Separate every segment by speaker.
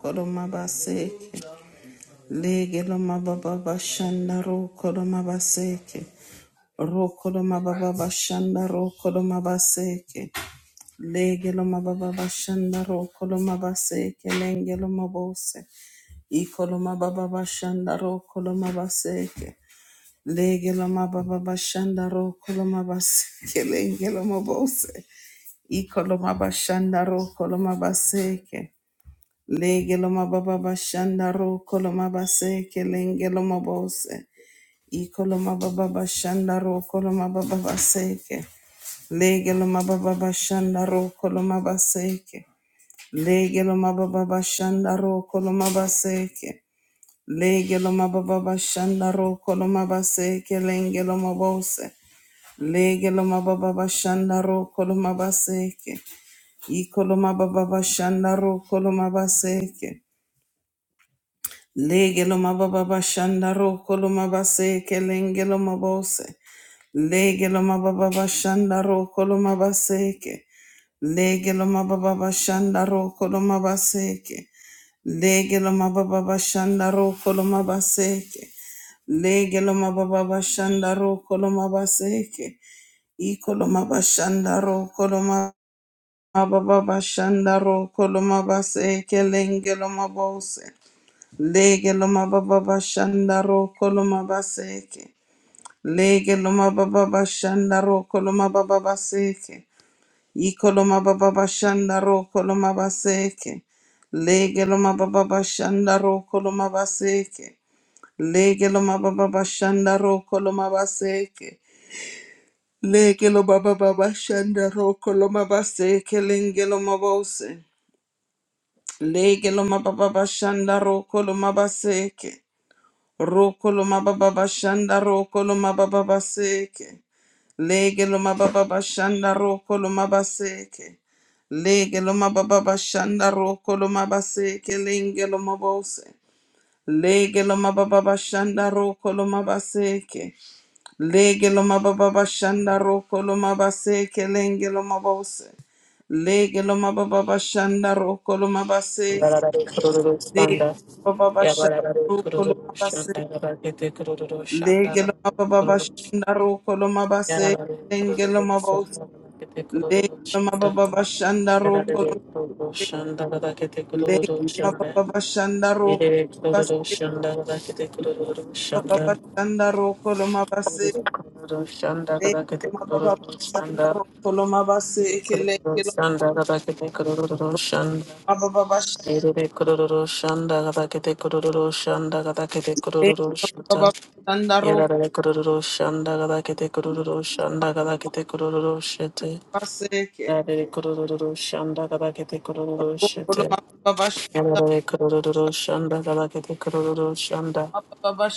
Speaker 1: Koloma baseke, lege loma baba bashanda ro koloma baseke, ro koloma baba bashanda ro koloma baseke, lege loma baba bashanda ro koloma baseke, lenge loma bose, i koloma baba bashanda ro koloma baseke, lege loma baba bashanda ro koloma baseke, lenge loma bose, i koloma bashanda ro koloma baseke. Legeloma baba bashandaro koloma base kelengeloma bose. Ikoloma baba bashandaro koloma baba baseke. Legeloma baba bashandaro koloma baseke. Legeloma baba bashandaro koloma baseke. Legeloma baba bashandaro koloma baseke lengeloma bose. Legeloma baba bashandaro koloma baseke. Ikoloma baba bashandaro koloma baseke. Legelo mababa shandaro koloma base kelengelo mabose. Legelo mababa shandaro koloma baseke. Legelo mababa shandaro kolomabaseke baseke. Legelo mababa shandaro koloma Legelo mababa shandaro koloma baseke. Ikoloma bashandaro shandaro koloma lengelo mabose. Lege loma baba bashanda ro koloma baseke. Lege loma baba bashanda ro koloma baba baseke. Ikoloma baba bashanda ro koloma baseke. Lege loma baba bashanda ro koloma baseke. Lege loma baba bashanda ro koloma baseke. Lege loma baba bashanda ro koloma baseke. Lenge loma bose. Lege loma baba bashanda ro koloma baseke. Rokolo mababa bashanda, rokolo mababa baseke. Lege mababa bashanda, rokolo mabaseke. Legelo mababa bashanda, rokolo mabaseke Lengelo mabose. Legelo mababa bashanda, rokolo mabaseke. Legelo mababa bashanda, rokolo mabaseke Lengelo mabose. Legelo mababa bashanda, rokolo mabaseke.
Speaker 2: Yararare kururu standa.
Speaker 1: Legelo mababa
Speaker 2: Yararare
Speaker 1: bashanda,
Speaker 2: kururu
Speaker 1: rokolo mabaseke.
Speaker 2: şanda. Yararare kururu
Speaker 1: Legelo
Speaker 2: şanda. Yararare kururu şanda. Yararare kururu şanda. Yararare kururu şanda. Yararare kururu şanda. Yararare kururu şanda. Yararare kururu şanda. Kururu şanda. Yararare kururu şanda. Yararare kururu şanda. Yararare kururu şanda. Yerere kururu şanda gada kete kururu şanda gada kete kururu şata. Yerere kururu şanda gada kete kururu şanda gada kete kururu şete. Yerere kururu şanda gada kete kururu şete. Yerere kururu şanda gada kete kururu şanda.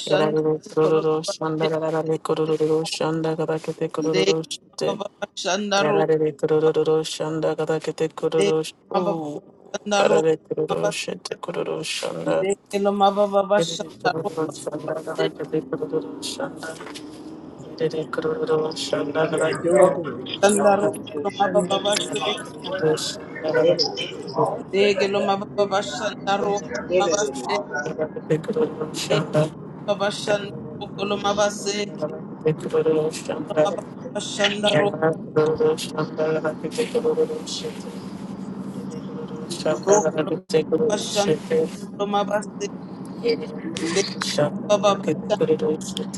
Speaker 2: Yerere kururu şanda gada kete kururu şanda gada kete
Speaker 1: le
Speaker 2: kururu şete.
Speaker 1: mababa shandaro
Speaker 2: Yerere kururu şanda gada kete
Speaker 1: le
Speaker 2: kururu şete.
Speaker 1: mababa
Speaker 2: Oo.
Speaker 1: shandaro
Speaker 2: Arare kururu
Speaker 1: mabas
Speaker 2: şete kururu şanda.
Speaker 1: le lo
Speaker 2: Shanda
Speaker 1: mababa shandaro le lo mababa shandaro lo mababa se le lo mababa shandaro lo baba se le mababa shandaro lo baba se le lo mababa shandaro ro lo mababa shandaro lo mabase le mababa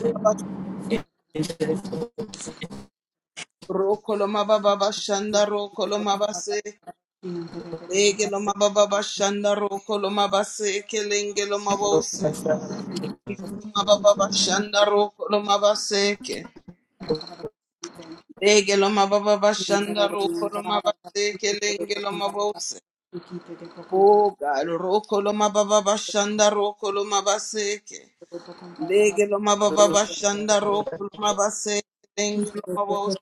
Speaker 1: shandaro ro lo mababa shandaro lo baba se Lege mababa bashanda roko lo mabaseke lenge lo mabose. Iko mababa bashanda roko lo mabaseke. Lege lo mababa bashanda roko lo mabaseke lenge lo mabose. Oh God, roko lo mababa bashanda roko lo mabaseke. Lege lo mababa bashanda roko lo mabaseke lenge lo mabose.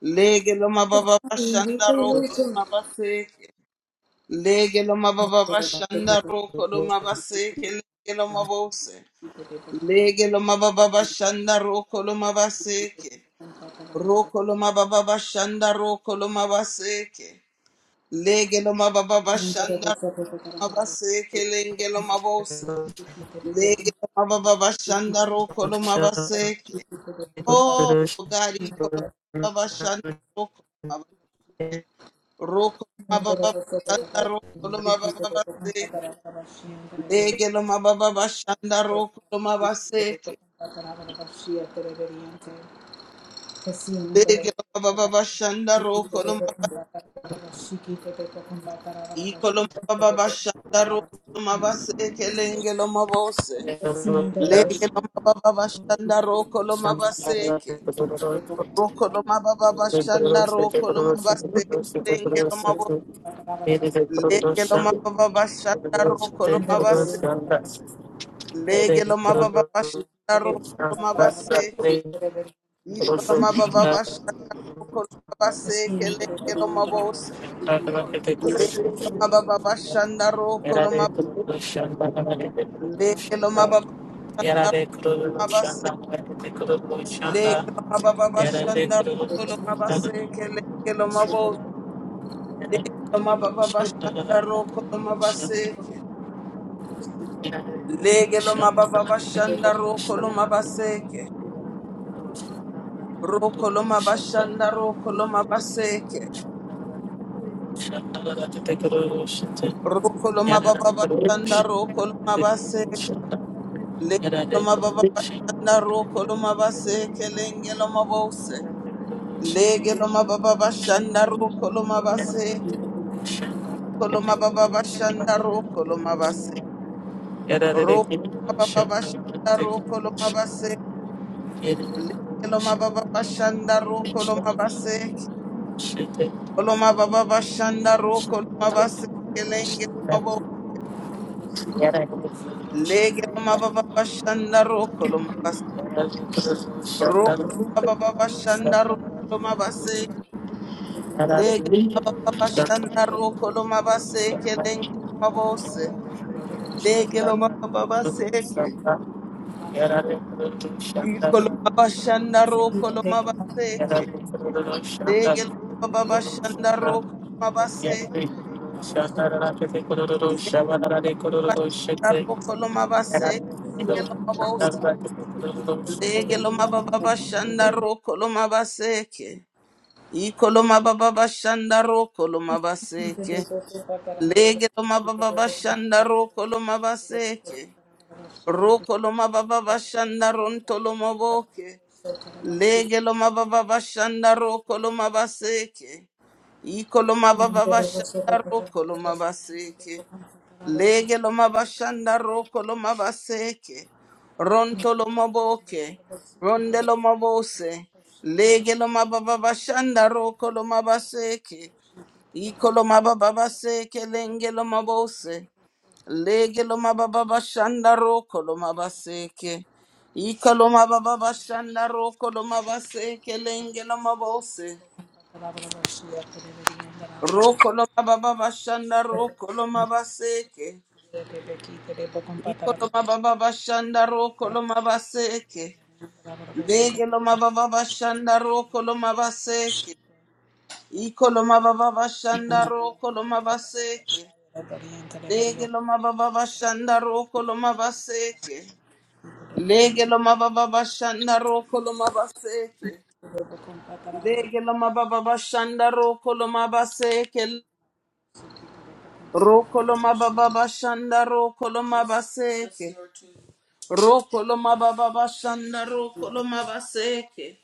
Speaker 1: Lege mababa bashanda roko lo mabaseke. Lege lo mababa bashanda roko lo mabase ke lege lo mabose. Lege lo mababa bashanda roko lo mabase ke. Roko lo mababa bashanda roko lo mabase ke. Lege lo mababa bashanda ro mabase ke lege lo mabose. Lege lo mababa bashanda roko lo mabase ke.
Speaker 2: Yarare
Speaker 1: Oh, God, iko lo mababa bashanda roko lo mabase. Roko lo mababa bashanda roko lo mababa Lege loma baba bashanda roko loma baseke. Lege loma baba bashanda roko loma iko loma baba bashanda roko loma baseke lenge loma bose. Lege loma baba bashanda roko loma baseke. Roko loma baba bashanda roko loma baseke lenge loma bose. Lege loma baba bashanda roko loma baseke. Lege loma baba bashanda roko loma baseke. Legelo Rokoloma mababa bashanda rokolo mab.
Speaker 2: kurulmuş,
Speaker 1: Lekelo mababa bashanda
Speaker 2: yarare
Speaker 1: mabase. Lekelo mababa bashanda rokolo mabase
Speaker 2: kurulmuş,
Speaker 1: kele kelo mabose.
Speaker 2: Shut
Speaker 1: Lekelo mababa bashanda rokolo mabase ke. Lekelo mababa bashanda rokolo mabase ke. rokolo mabashanda rokolo mabase ke. rokolo mabose mababa mababa mababa mababa mababa bashanda bashanda bashanda bashanda bashanda rokolo base Legelo roko loma base kelenge loma bose. Legelo mababa bashanda roko loma base. Koloma baba bashanda roko loma base. Roko mababa bashanda roko loma base. Legelo mababa bashanda roko loma base. Koloma baba bashanda roko loma base. Kelenge loma bo. Legelo mababa bashanda roko loma base. Roko mababa bashanda roko loma base. Lege mababa shanda roko lo mabaseke lenge mabose. Lege lo mababaseke. Iko lo mabashanda roko lo mabaseke. Lege lo mababashanda roko lo mabaseke. Lege bashanda roko lo mabaseke lo mabose. Lege lo mababashanda roko lo mabaseke. Iko lo mababashanda roko lo mabaseke. Lege lo mababashanda roko lo mabaseke. Rokoloma baba bashanda rontoloma boke. Legeloma baba bashanda rokoloma baseke. Ikoloma baba bashanda rokoloma baseke. Legeloma bashanda rokoloma baseke. Rontoloma boke. Rondeloma bose. Legeloma baba bashanda rokoloma baseke. Ikoloma baba baseke lengeloma bose. Lege lo mababa bashanda roko lo mabaseke. Ika lo mababa bashanda roko lo mabaseke lenge lo mabose. Roko lo mababa bashanda roko lo mabaseke. Iko lo mababa bashanda roko lo mabaseke. Lege lo mababa bashanda roko lo mabaseke. Iko lo mababa bashanda roko lo mabaseke. Lege lo mababa bashanda roko lo mabaseke. Lege lo mababa bashanda roko lo mabaseke. Lege lo mababa bashanda roko lo mabaseke. Roko lo mababa bashanda roko lo mabaseke. Roko lo mababa bashanda roko lo mabaseke.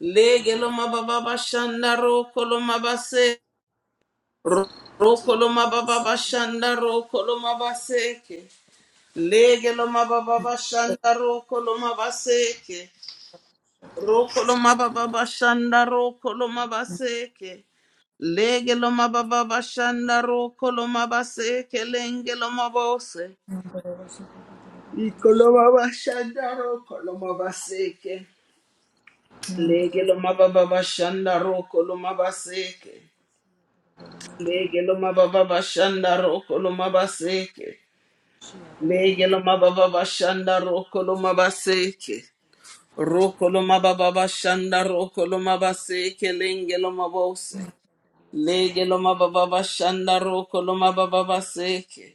Speaker 1: Lege lo mababa bashanda roko lo mabaseke. Ro- Roko lo mababa bashanda roko lo mabaseke. Lege lo mababa bashanda roko lo mabaseke. Roko loma baba bashanda roko loma baseke. Lege loma baba bashanda roko loma baseke lenge loma bose. Iko loma bashanda roko loma baseke. Lege loma baba bashanda roko loma baseke. Lege loma baba bashanda roko loma baseke. Lege loma baba bashanda roko loma baseke. Roko loma baba bashanda roko loma baseke lenge loma bose. Lege loma baba bashanda roko loma baba baseke.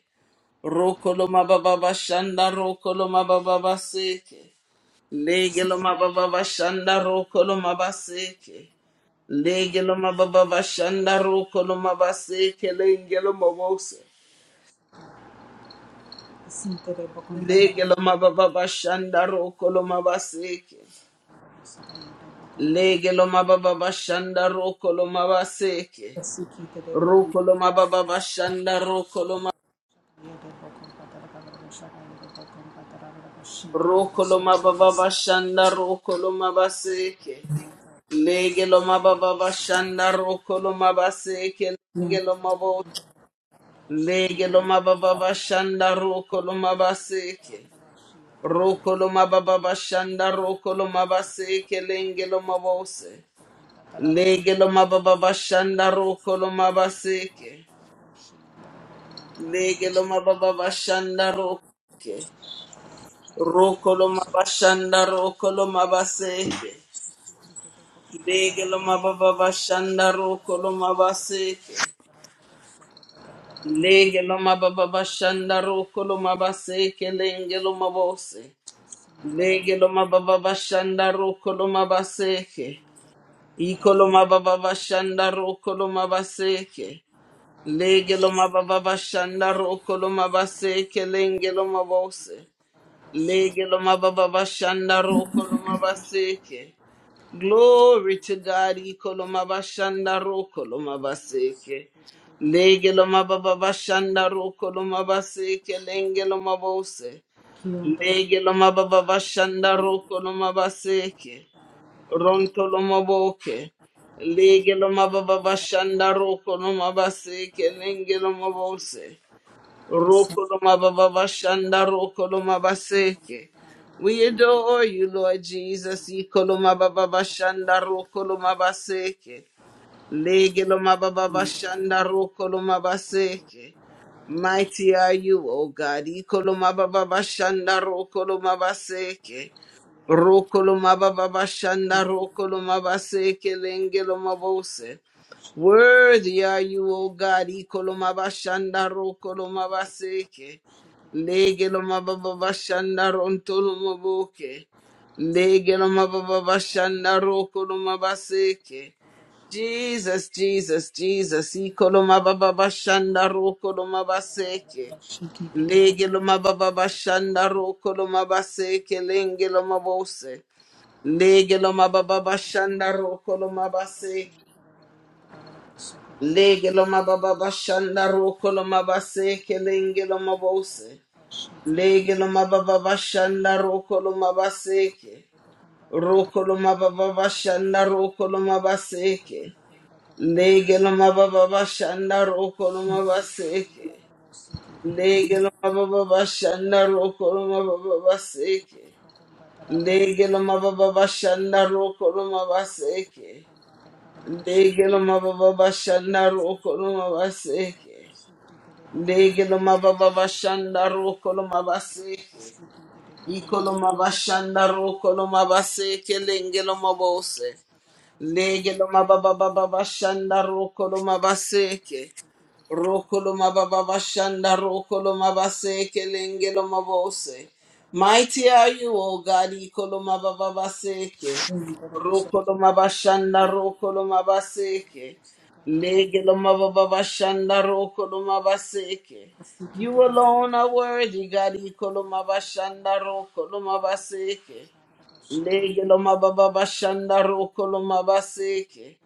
Speaker 1: Roko loma baba bashanda roko loma baba baseke. Lege loma baba bashanda roko loma baseke. Lege loma baba bashanda roko loma baseke. Lege loma bose. Lege loma baba bashanda roko loma baseke. Lege loma baba bashanda roko loma baseke. Roko loma baba bashanda roko loma Rokoloma baba bashanda rokoloma baseke. Legeloma baba bashanda rokoloma baseke. Legeloma bo. Legeloma baba bashanda rokoloma baseke. Rokoloma baba bashanda rokoloma baseke. Lengeloma bose. Legeloma baba bashanda rokoloma baseke. Legeloma baba bashanda rokoloma baseke. Rokoloma bashanda rokoloma baseke. Lege loma baba bashanda roko loma baseke. Lege loma baba bashanda roko loma baseke lenge loma bose. Lege loma baba bashanda roko loma baseke. Iko loma baba bashanda roko loma baseke. Lege loma baba bashanda roko loma baseke lenge loma bose. Lege loma baba bashanda roko loma baseke. Glory to God, iko loma bashanda roko loma baseke. Lege loma baba bashanda roko loma baseke lenge loma bose. Lege loma baba bashanda roko loma baseke. Ronto loma boke. Lege loma baba bashanda roko loma baseke lenge loma bose. Rokoloma Baba Shanda Rokoloma Baseke. We adore you, Lord Jesus. Ikoloma Baba Shanda Rokoloma Baseke. Legeloma Baba Shanda Rokoloma Baseke. Mighty are you, O God. Ikoloma Baba Shanda Rokoloma Baseke. Rokoloma Baba Shanda Rokoloma Baseke Lengeloma Bose. Worthy are you, O God, Ikolomabashanda Rokolomabaseke, Legelomababashanda Rontolomaboke, Legelomababashanda Rokolomabaseke. Jesus, Jesus, Jesus, Ikolomababashanda Rokolomabaseke, Legelomababashanda Rokolomabaseke, Lengelomabose, Legelomababashanda Rokolomabaseke, Lege lo mababa bashanda roko lo mabase kelenge lo mabose. Lege lo mababa bashanda roko lo mabaseke. Roko lo mababa bashanda roko lo mabaseke. Lege lo mababa bashanda roko lo mabaseke. Lege lo mababa bashanda roko lo mababa baseke. Lege mababa bashanda roko lo mabaseke. Lege mababa bashanda roko lo mabaseke. Legilomababashanda rokolomabaseke. Ikolomabashanda rokolomabaseke lengelomabose. Lege loma baba baba bashanda roko loma baseke. Roko loma baba bashanda roko loma baseke lenge loma bose. Mighty are you, O God, iko loma baba baseke. Roko loma bashanda roko loma baseke. Lege loma baba bashanda roko loma baseke. You alone are worthy, God, iko loma bashanda roko loma baseke. Legeloma baba bashanda rokoloma baseke.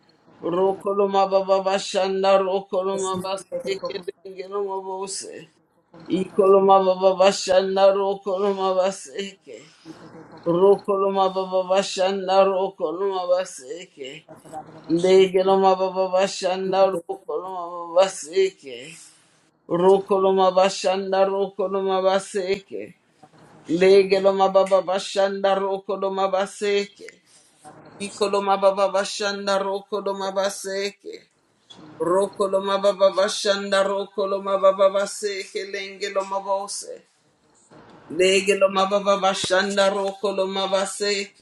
Speaker 1: Rokoloma baba bashanda rokoloma baseke legeloma bose. Ikoloma baba bashanda rokoloma baseke. Rokoloma baba bashanda rokoloma baseke. Legeloma baba bashanda rokoloma baseke. Rokoloma bashanda rokoloma baseke. Legeloma baba bashanda rokoloma baseke. Ikoloma baba bashanda rokoloma baseke. Rokoloma baba bashanda rokoloma baba baseke lengeloma bose. Legeloma baba bashanda rokoloma baseke.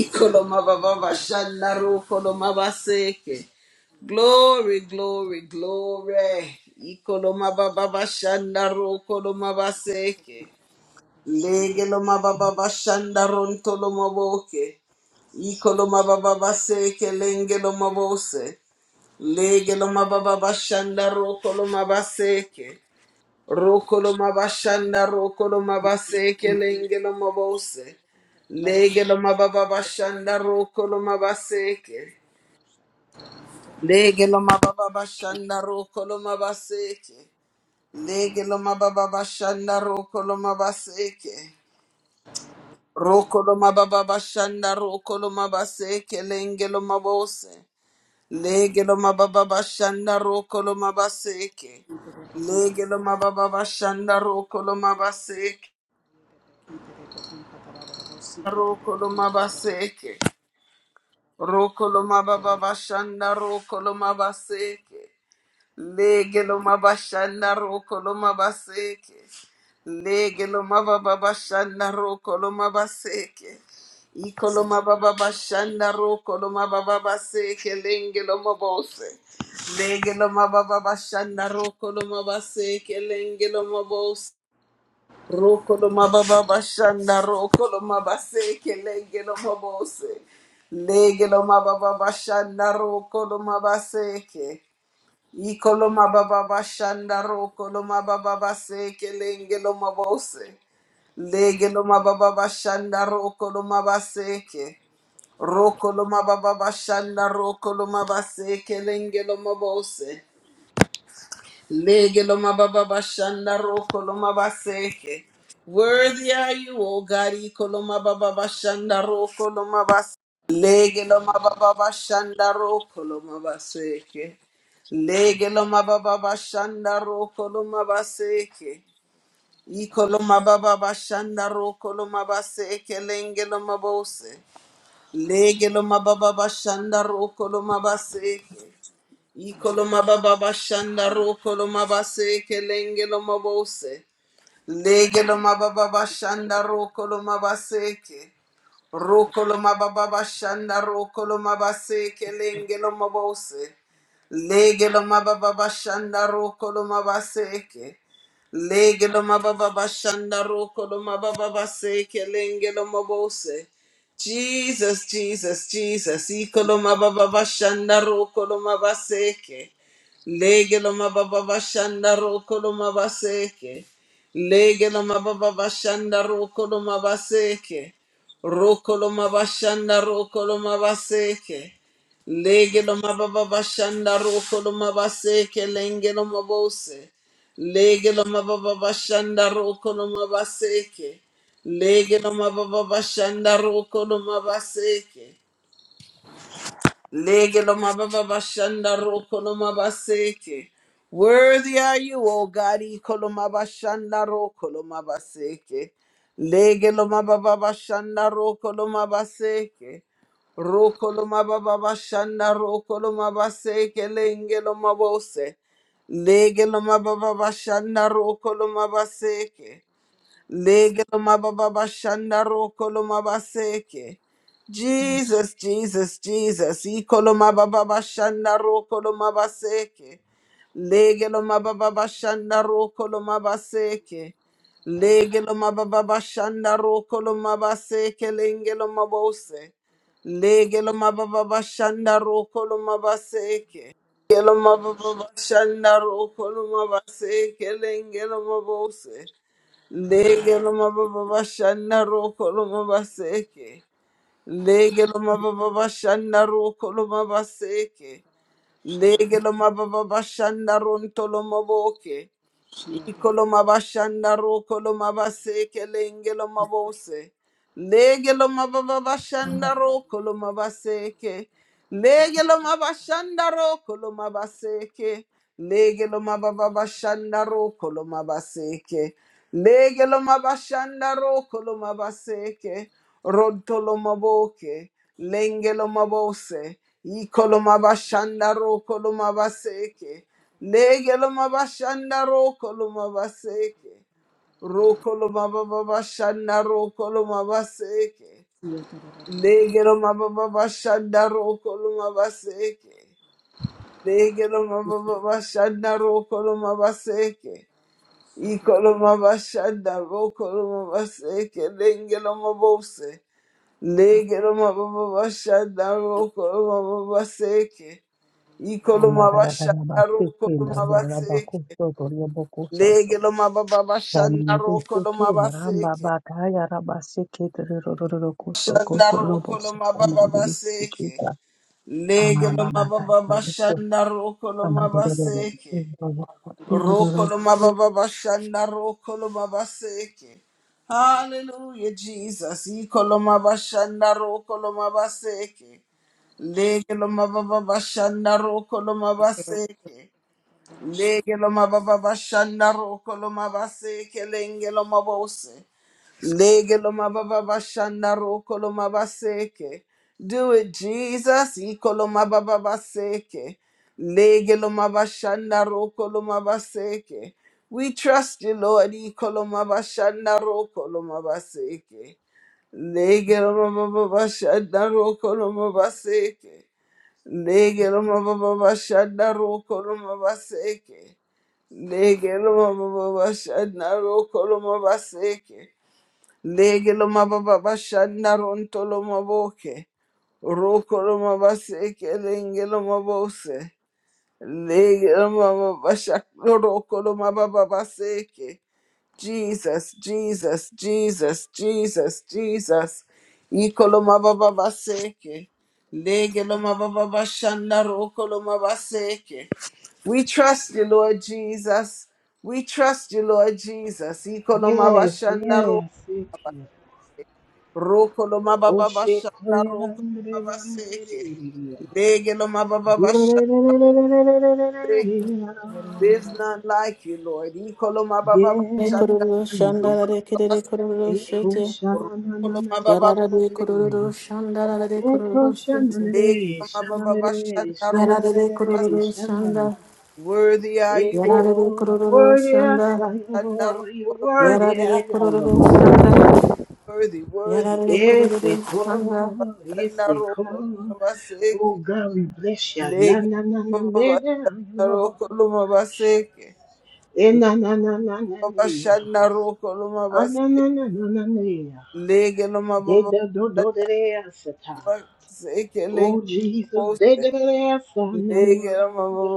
Speaker 1: Ikoloma baba bashanda rokoloma baseke. Glory, glory, glory. Ikoloma baba bashanda rokoloma baseke. Legeloma baba bashanda rontoloma boke. Ikoloma baba baseke lengeloma bose. Legeloma baba bashanda rokoloma baseke. Rokoloma bashanda rokoloma baseke lengeloma bose. Legeloma baba bashanda rokoloma baseke. Legeloma baba bashanda rokoloma baseke. Legeloma baba bashanda rokoloma baseke. Rokolo mababa bashanda rokolo mabase kelenge lo mabose lege lo mababa bashanda rokolo mabaseke lege lo mababa bashanda rokolo mabaseke rokolo mabaseke rokolo mababa bashanda rokolo mabaseke Lege lo mabashanda roko lo mabaseke. Lege lo mabababashanda roko lo mabaseke. Iko lo mabababashanda roko lo mabababaseke. Lenge lo mabose. Lege lo mabababashanda roko lo mabaseke. Lenge lo mabose. Roko lo mabababashanda roko lo mabaseke. Lenge lo mabose. Lege lo mabababashanda roko lo mabaseke. Ikoloma baba bashanda ro koloma baba base kelenge loma bose. Lege loma baba bashanda ro koloma baseke. Ro koloma baba bashanda ro koloma base kelenge loma bose. Lege loma baba bashanda roko loma baseke. Worthy are you, O God, iko loma baba bashanda roko loma baseke. Lege loma baba bashanda roko loma baseke. Lege loma baba bashanda roko loma baseke. Iko loma baba bashanda roko loma baseke lenge loma bose. Lege loma baba bashanda roko loma baseke. Ikoloma baba bashanda ro koloma base kelenge loma bose. Lege loma baba bashanda ro koloma baseke. Rokolo mababa shanda rokolo mabase kelengelo mabose. Legelo mababa shanda rokolo mabase ke. Legelo mababa shanda rokolo mababa se kelengelo mabose. Jesus, Jesus, Jesus. Ikolo mababa shanda rokolo mabase ke. Legelo mababa shanda rokolo mabase ke. Legelo mababa shanda rokolo mabase Rokoloma bashanda rokoloma baseke. Legeloma baba bashanda rokoloma baseke lengeloma bose. Legeloma baba bashanda rokoloma baseke. Legeloma baba bashanda rokoloma baseke. Lege lo mababa bashanda roko lo mabaseke. Worthy are you, O God, ikolo mabashanda roko lo mabaseke. Lege lo mababa bashanda roko lo mabaseke. Roko lo mababa bashanda roko lo mabaseke lenge lo mabose. Lege lo mababa bashanda roko lo mabaseke. Lege ma Legelomabababashandarokolomabaseke. Jesus, Jesus, Jesus. Ikolo ma ba ba ba shanda roko lo ma ba seke. Lege lo ma ba ba ba shanda roko lo ma ba seke. Lege lo ma ba ba ba shanda roko lo ma Ikolomabababashandarokolomabaseke. Legelomabababashandarokolomabaseke. Legelomabababashandarokolomabaseke. Lengelomabose. Legelomabababashandarokolomabaseke. Legelomabababashandarokolomabaseke. Lengelomabose. Lege loma baba bashanda roko loma baseke. Lege loma baba bashanda roko loma baseke. Lege loma baba bashanda ronto loma boke. Ikoloma bashanda rokolo mabase kelengelo mabose. Legelo mababa bashanda rokolo mabaseke. Legelo mabashanda rokolo mabaseke. Legelo mababa bashanda rokolo mabaseke. Legelo mabashanda rokolo mabaseke. Rontolo maboke. Lengelo mabose. Ikolo mabashanda rokolo mabaseke. Lege loma bashanda roko loma baseke. Roko loma baba bashanda roko loma baseke. Lege loma baba bashanda roko loma baseke. Lege loma baba bashanda roko loma baseke. Iko loma bashanda roko loma baseke. Lenge loma bose. Lege loma baba bashanda roko loma baseke. Iko
Speaker 3: Yes, ma'am.
Speaker 1: loma bashanda roko loma baseke. Lege lo mababa bashanda roko lo mabaseke. Shanda roko lo mababa baseke. Lege lo mababa bashanda roko lo mabaseke. Roko lo mababa bashanda roko lo mabaseke. Hallelujah, Jesus. Iko lo mabashanda roko lo mabaseke. Lege lo mababa bashanda roko lo mabaseke. Lege lo mababa bashanda roko lo mabase kelenge lo mabose. Lege lo mababa bashanda roko lo mabaseke. Do it, Jesus. Iko lo mababa baseke. Lege lo mabashanda roko lo mabaseke. We trust you, Lord. Iko lo mabashanda roko lo mabaseke. Lege lo mababa bashanda roko lo mabaseke. Lege loma baba bashanda roko loma baseke. Lege loma baba bashanda roko loma baseke. Lege loma baba bashanda ronto loma boke. Roko loma baseke lenge loma bose. Lege loma baba shanda roko loma baba baseke. Jesus, Jesus, Jesus, Jesus, Jesus. Ikoloma baba baseke. Legeloma baba bashanda rokoloma baseke. We trust you, Lord Jesus. We trust you, Lord Jesus. Ikoloma bashanda ro rokoloma baba bashanda rokoloma baseke. Legeloma baba baseke. There's none like you, Lord. Ikoloma baba bashanda
Speaker 2: Kororo şandara rekerere kororo şete. Yarara de kororo şanda rara de kororo şanda.
Speaker 1: Worthy
Speaker 2: Yarara de kororo şanda.
Speaker 1: are you, Lord.
Speaker 2: Yarara de
Speaker 4: Eko
Speaker 2: kororo
Speaker 4: worthy
Speaker 2: şanda.
Speaker 4: Señor, you're worthy
Speaker 2: Yarara de kororo şanda.
Speaker 4: Lord.
Speaker 1: Worthy, worthy.
Speaker 2: Yarara de
Speaker 4: Yes,
Speaker 2: kororo şanda.
Speaker 4: Eko, yes, Eko.
Speaker 1: Shandarokolomaba
Speaker 4: Oh
Speaker 1: seke.
Speaker 4: God, we bless you. Na
Speaker 1: Lege
Speaker 4: na na na
Speaker 1: lo mababa,
Speaker 4: na na Lord.
Speaker 1: shandarokolomaba seke.
Speaker 4: Eh, na na na na na
Speaker 1: Baba
Speaker 4: na. Ah
Speaker 1: shandarokolomaba
Speaker 4: na
Speaker 1: se-
Speaker 4: na na na na na.
Speaker 1: Lege
Speaker 4: De
Speaker 1: lomababa,
Speaker 4: da do do de de asata. Oh Jesus, de de de de asa na na. De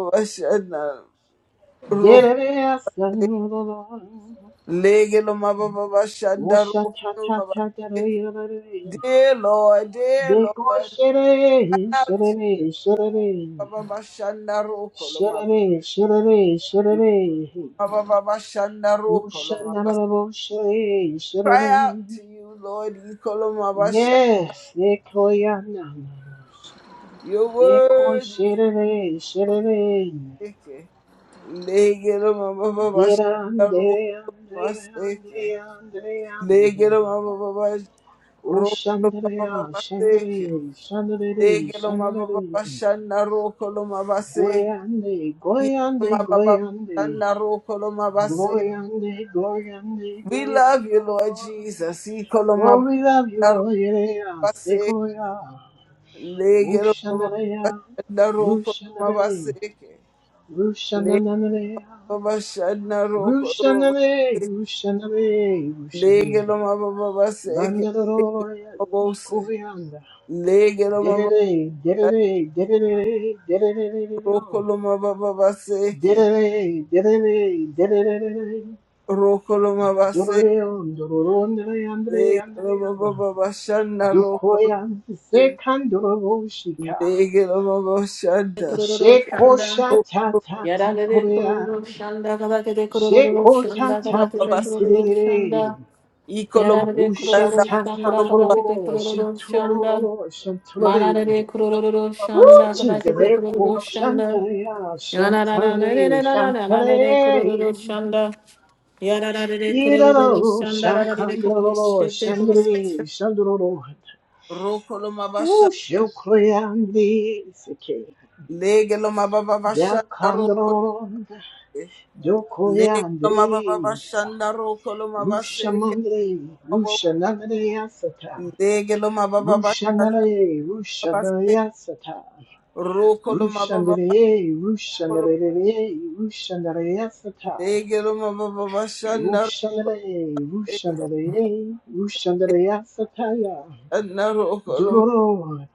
Speaker 4: de de asa na na. Oh sha ta ta ta da da da da.
Speaker 1: Dear Lord, dear
Speaker 4: Deko
Speaker 1: Lord,
Speaker 4: shere,
Speaker 1: out
Speaker 4: shere,
Speaker 1: to
Speaker 4: shere,
Speaker 1: Baba Bashanda Roko Loma-
Speaker 4: shere, shere, shere.
Speaker 1: Baba Baba Shanda Roko Loma
Speaker 4: Ushanarabo shere,
Speaker 1: Cry out
Speaker 4: shere.
Speaker 1: to you, Lord. Ikoloma Basha.
Speaker 4: Yes, deko yana.
Speaker 1: Your
Speaker 4: Deko
Speaker 1: word is
Speaker 4: shere, shere.
Speaker 1: Ikolomeke. Lege Baba Bashanda Roko
Speaker 4: Girande, ande,
Speaker 1: Maseke.
Speaker 4: ande, ande,
Speaker 1: Lege
Speaker 4: ande.
Speaker 1: Baba Bas- Roko Loma
Speaker 4: Ushandrea,
Speaker 1: Baba Baseke.
Speaker 4: shandrea, shandrea,
Speaker 1: Lege Loma Baba
Speaker 4: shandrea.
Speaker 1: Bashanda Roko Loma Baseke.
Speaker 4: Goyande, goyande,
Speaker 1: Ikoloma Baba
Speaker 4: goyande.
Speaker 1: Shanda Roko Loma
Speaker 4: Glory Ande, Glory Ande,
Speaker 1: We
Speaker 4: Glory Ande,
Speaker 1: love you,
Speaker 4: da, da,
Speaker 1: Lord
Speaker 4: da.
Speaker 1: Jesus.
Speaker 4: Oh,
Speaker 1: Ikolomabarobase,
Speaker 4: we love you, Lord, yeah, Sequoia, Rushanarea, Rushanare,
Speaker 1: legelomabashandarokolomabaseke,
Speaker 4: Rushananare, Rushanare,
Speaker 1: legobashandarokolomabaseke,
Speaker 4: Rushanare, Rushanare,
Speaker 1: legelomabababaseke,
Speaker 4: Bandaloria,
Speaker 1: legelomabose,
Speaker 4: Ecoyanda, Dedere,
Speaker 1: legelomabashandarokolomabababaseke,
Speaker 4: Dedere, Dedere, Dedere, Dedere, Dedere, Dedere,
Speaker 1: rokolomabase,
Speaker 4: Doloreon, Doloron, Andre, Andre, Andre,
Speaker 1: legelomabababashandarokolose,
Speaker 4: Dukoya Sekandoroshika.
Speaker 1: legelomabashanda,
Speaker 2: Kororo
Speaker 4: Sheko
Speaker 2: şanda.
Speaker 4: shata tati
Speaker 2: Yarara de
Speaker 4: korea.
Speaker 2: kororo şanda. Kabate de kororo
Speaker 4: Sheko
Speaker 2: şanda.
Speaker 4: tata
Speaker 2: Kabate de
Speaker 1: rokolomababase.
Speaker 2: kororo
Speaker 4: tantirere.
Speaker 2: şanda.
Speaker 1: Ikoloma
Speaker 2: Yarara de
Speaker 4: Usha
Speaker 1: Sanda
Speaker 2: kororo
Speaker 4: tata
Speaker 2: şanda.
Speaker 1: Koloma
Speaker 2: Kabate de
Speaker 4: tololo.
Speaker 2: kororo şanda.
Speaker 4: Shatololo.
Speaker 2: Manara de
Speaker 4: Shatolole.
Speaker 2: kororo
Speaker 4: Oh,
Speaker 2: şanda.
Speaker 4: Jesus.
Speaker 2: Kabate de
Speaker 4: Eko
Speaker 2: kororo şanda.
Speaker 4: shantaya. Shantale.
Speaker 2: Shanda.
Speaker 4: Shantale. Iralo. Shankandrolo. Shandre. Shandrolo.
Speaker 1: Rokoloma Basha
Speaker 4: Usha korea.
Speaker 1: Legeloma Baba Bashanda Rokol
Speaker 4: Yakandorororanda,
Speaker 1: Legeloma Baba
Speaker 4: Yokoyandri,
Speaker 1: Bashanda Rokoloma Baseke
Speaker 4: Rushamandri, Rushanandriyasata,
Speaker 1: Legeloma Baba Bashanda
Speaker 4: Rushanare,
Speaker 1: Babase
Speaker 4: Rushanariyasata,
Speaker 1: Rokoloma Baba
Speaker 4: Rushandere,
Speaker 1: Basholoma
Speaker 4: Rushanare, Rushanariyasata,
Speaker 1: Legeloma Baba Bashanda
Speaker 4: Rushanare, Rushanare, Rushanariyasataya,
Speaker 1: Rokoloma
Speaker 4: Duroro,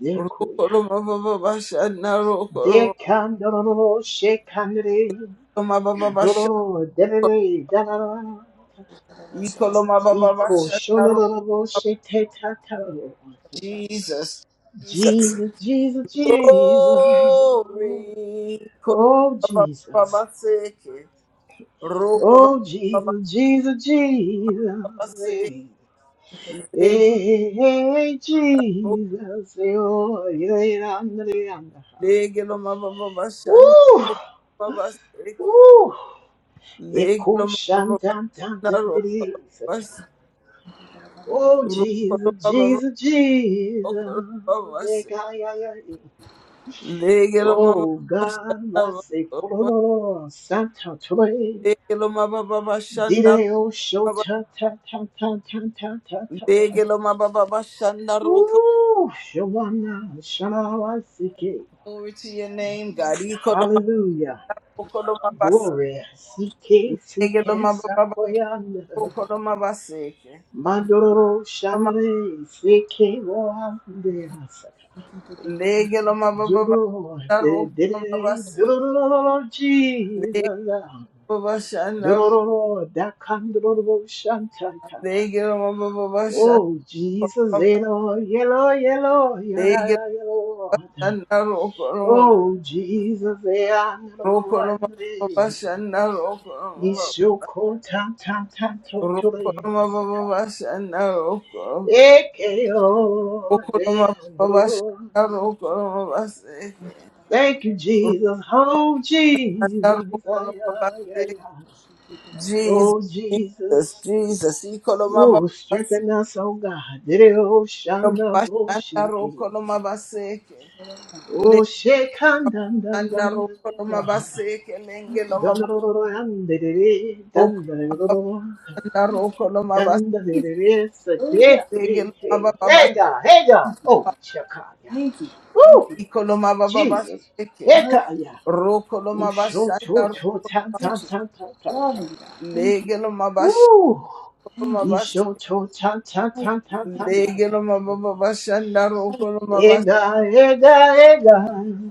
Speaker 4: Dekoya,
Speaker 1: Rokoloma Baba Bashanda Rokoloma
Speaker 4: Dekandororo, Shekandre,
Speaker 1: Baba Bashanda
Speaker 4: Dororo, Derere, Darara,
Speaker 1: Ikoloma Baba
Speaker 4: Iko
Speaker 1: Basha
Speaker 4: shololobo shete tataro.
Speaker 1: Jesus. Jesus.
Speaker 4: Jesus, Jesus, Jesus.
Speaker 1: Glory.
Speaker 4: Oh, Jesus.
Speaker 1: Kolomababaseke.
Speaker 4: Oh,
Speaker 1: Rokolomababaseke.
Speaker 4: Jesus, Jesus, Jesus. Hey,
Speaker 1: Lego-
Speaker 4: hey, hey, hey, Jesus. Oh, yeah, yeah, yeah, yeah, yeah.
Speaker 1: legelomababashana
Speaker 4: Woo!
Speaker 1: babaseke.
Speaker 4: Woo! Eko shan dan dan
Speaker 1: Legelomababashana
Speaker 4: dan diri sata.
Speaker 1: rokolomabas-
Speaker 4: Oh, Jesus,
Speaker 1: rokolomababa-
Speaker 4: Jesus, Jesus.
Speaker 1: rokolomababase.
Speaker 4: Eka, ya, ya, ya. Oh God,
Speaker 1: Legelomababashana
Speaker 4: I say,
Speaker 1: rokolomabas-
Speaker 4: Kororo, Santa Tore,
Speaker 1: legelomababashana
Speaker 4: Dideo, show
Speaker 1: rokolomabas-
Speaker 4: Ta, Ta, Ta, Ta, Ta, Ta, Ta, Ta. ta
Speaker 1: legelomababashana
Speaker 4: Ooh, Shobana, Shana, Sike.
Speaker 1: Glory to your name, God.
Speaker 4: Hallelujah.
Speaker 1: Ikolomababase.
Speaker 4: Glory. Sike, Sike, Sakoyan.
Speaker 1: Legelomabababababababaseke.
Speaker 4: Madoro,
Speaker 1: Loma-
Speaker 4: Shanre, Sike, Wande, Asaka. Duro, De, De, De,
Speaker 1: Legelomababababarokolomabase.
Speaker 4: Duro, Jesus.
Speaker 1: Legelomabashana-
Speaker 4: Dororo, dakandororo, shantaka.
Speaker 1: Legelomabababashana-
Speaker 4: Oh, Jesus, Elo, yellow, yellow, yellow.
Speaker 1: Legelomabashana- Rokolomabababashana-
Speaker 4: Oh, Jesus, Eandro, Andre.
Speaker 1: Rokolomabababashana-
Speaker 4: Isoko, tan, tan, tan, totore, saka.
Speaker 1: Rokolomabababashana- Rokolomabababashana-
Speaker 4: Ekeo, deandro.
Speaker 1: Rokolomabababashana- Rokolomabaseke.
Speaker 4: Thank you, Jesus. Oh, Jesus. Ay, ay,
Speaker 1: Rokolomabababashana-
Speaker 4: ay, ay.
Speaker 1: Jesus,
Speaker 4: Oh,
Speaker 1: Jesus,
Speaker 4: Jesus.
Speaker 1: Jesus. Ikolomaba
Speaker 4: Oh, strengthen us, oh God. Dere o shanda bo
Speaker 1: shandaro
Speaker 4: shiki.
Speaker 1: kolomaba seke. Le
Speaker 4: Oh, shekan dan dan dan
Speaker 1: shandaro
Speaker 4: dan dan
Speaker 1: kolomaba seke. Lenge
Speaker 4: dun dun
Speaker 1: lomaba
Speaker 4: dun dun
Speaker 1: roko
Speaker 4: dun dun dun
Speaker 1: shandaro kolomaba
Speaker 4: dun dan Hey, hey,
Speaker 1: seke. Lomaba baba
Speaker 4: hey, God, hey, God. Oh, shakaya. Oh,
Speaker 1: ikolomaba baba
Speaker 4: Jesus.
Speaker 1: seke.
Speaker 4: Hekaya.
Speaker 1: Roko lomaba
Speaker 4: Usho to
Speaker 1: shandaro.
Speaker 4: to tan tan tan tan tan tan.
Speaker 1: Lege lomaba shandaro seke.
Speaker 4: Ooh. Isho to tan tan tan tan tan tan
Speaker 1: Lege lomaba
Speaker 4: tan.
Speaker 1: baba shandaro kolomaba seke.
Speaker 4: Ega, ega, ega,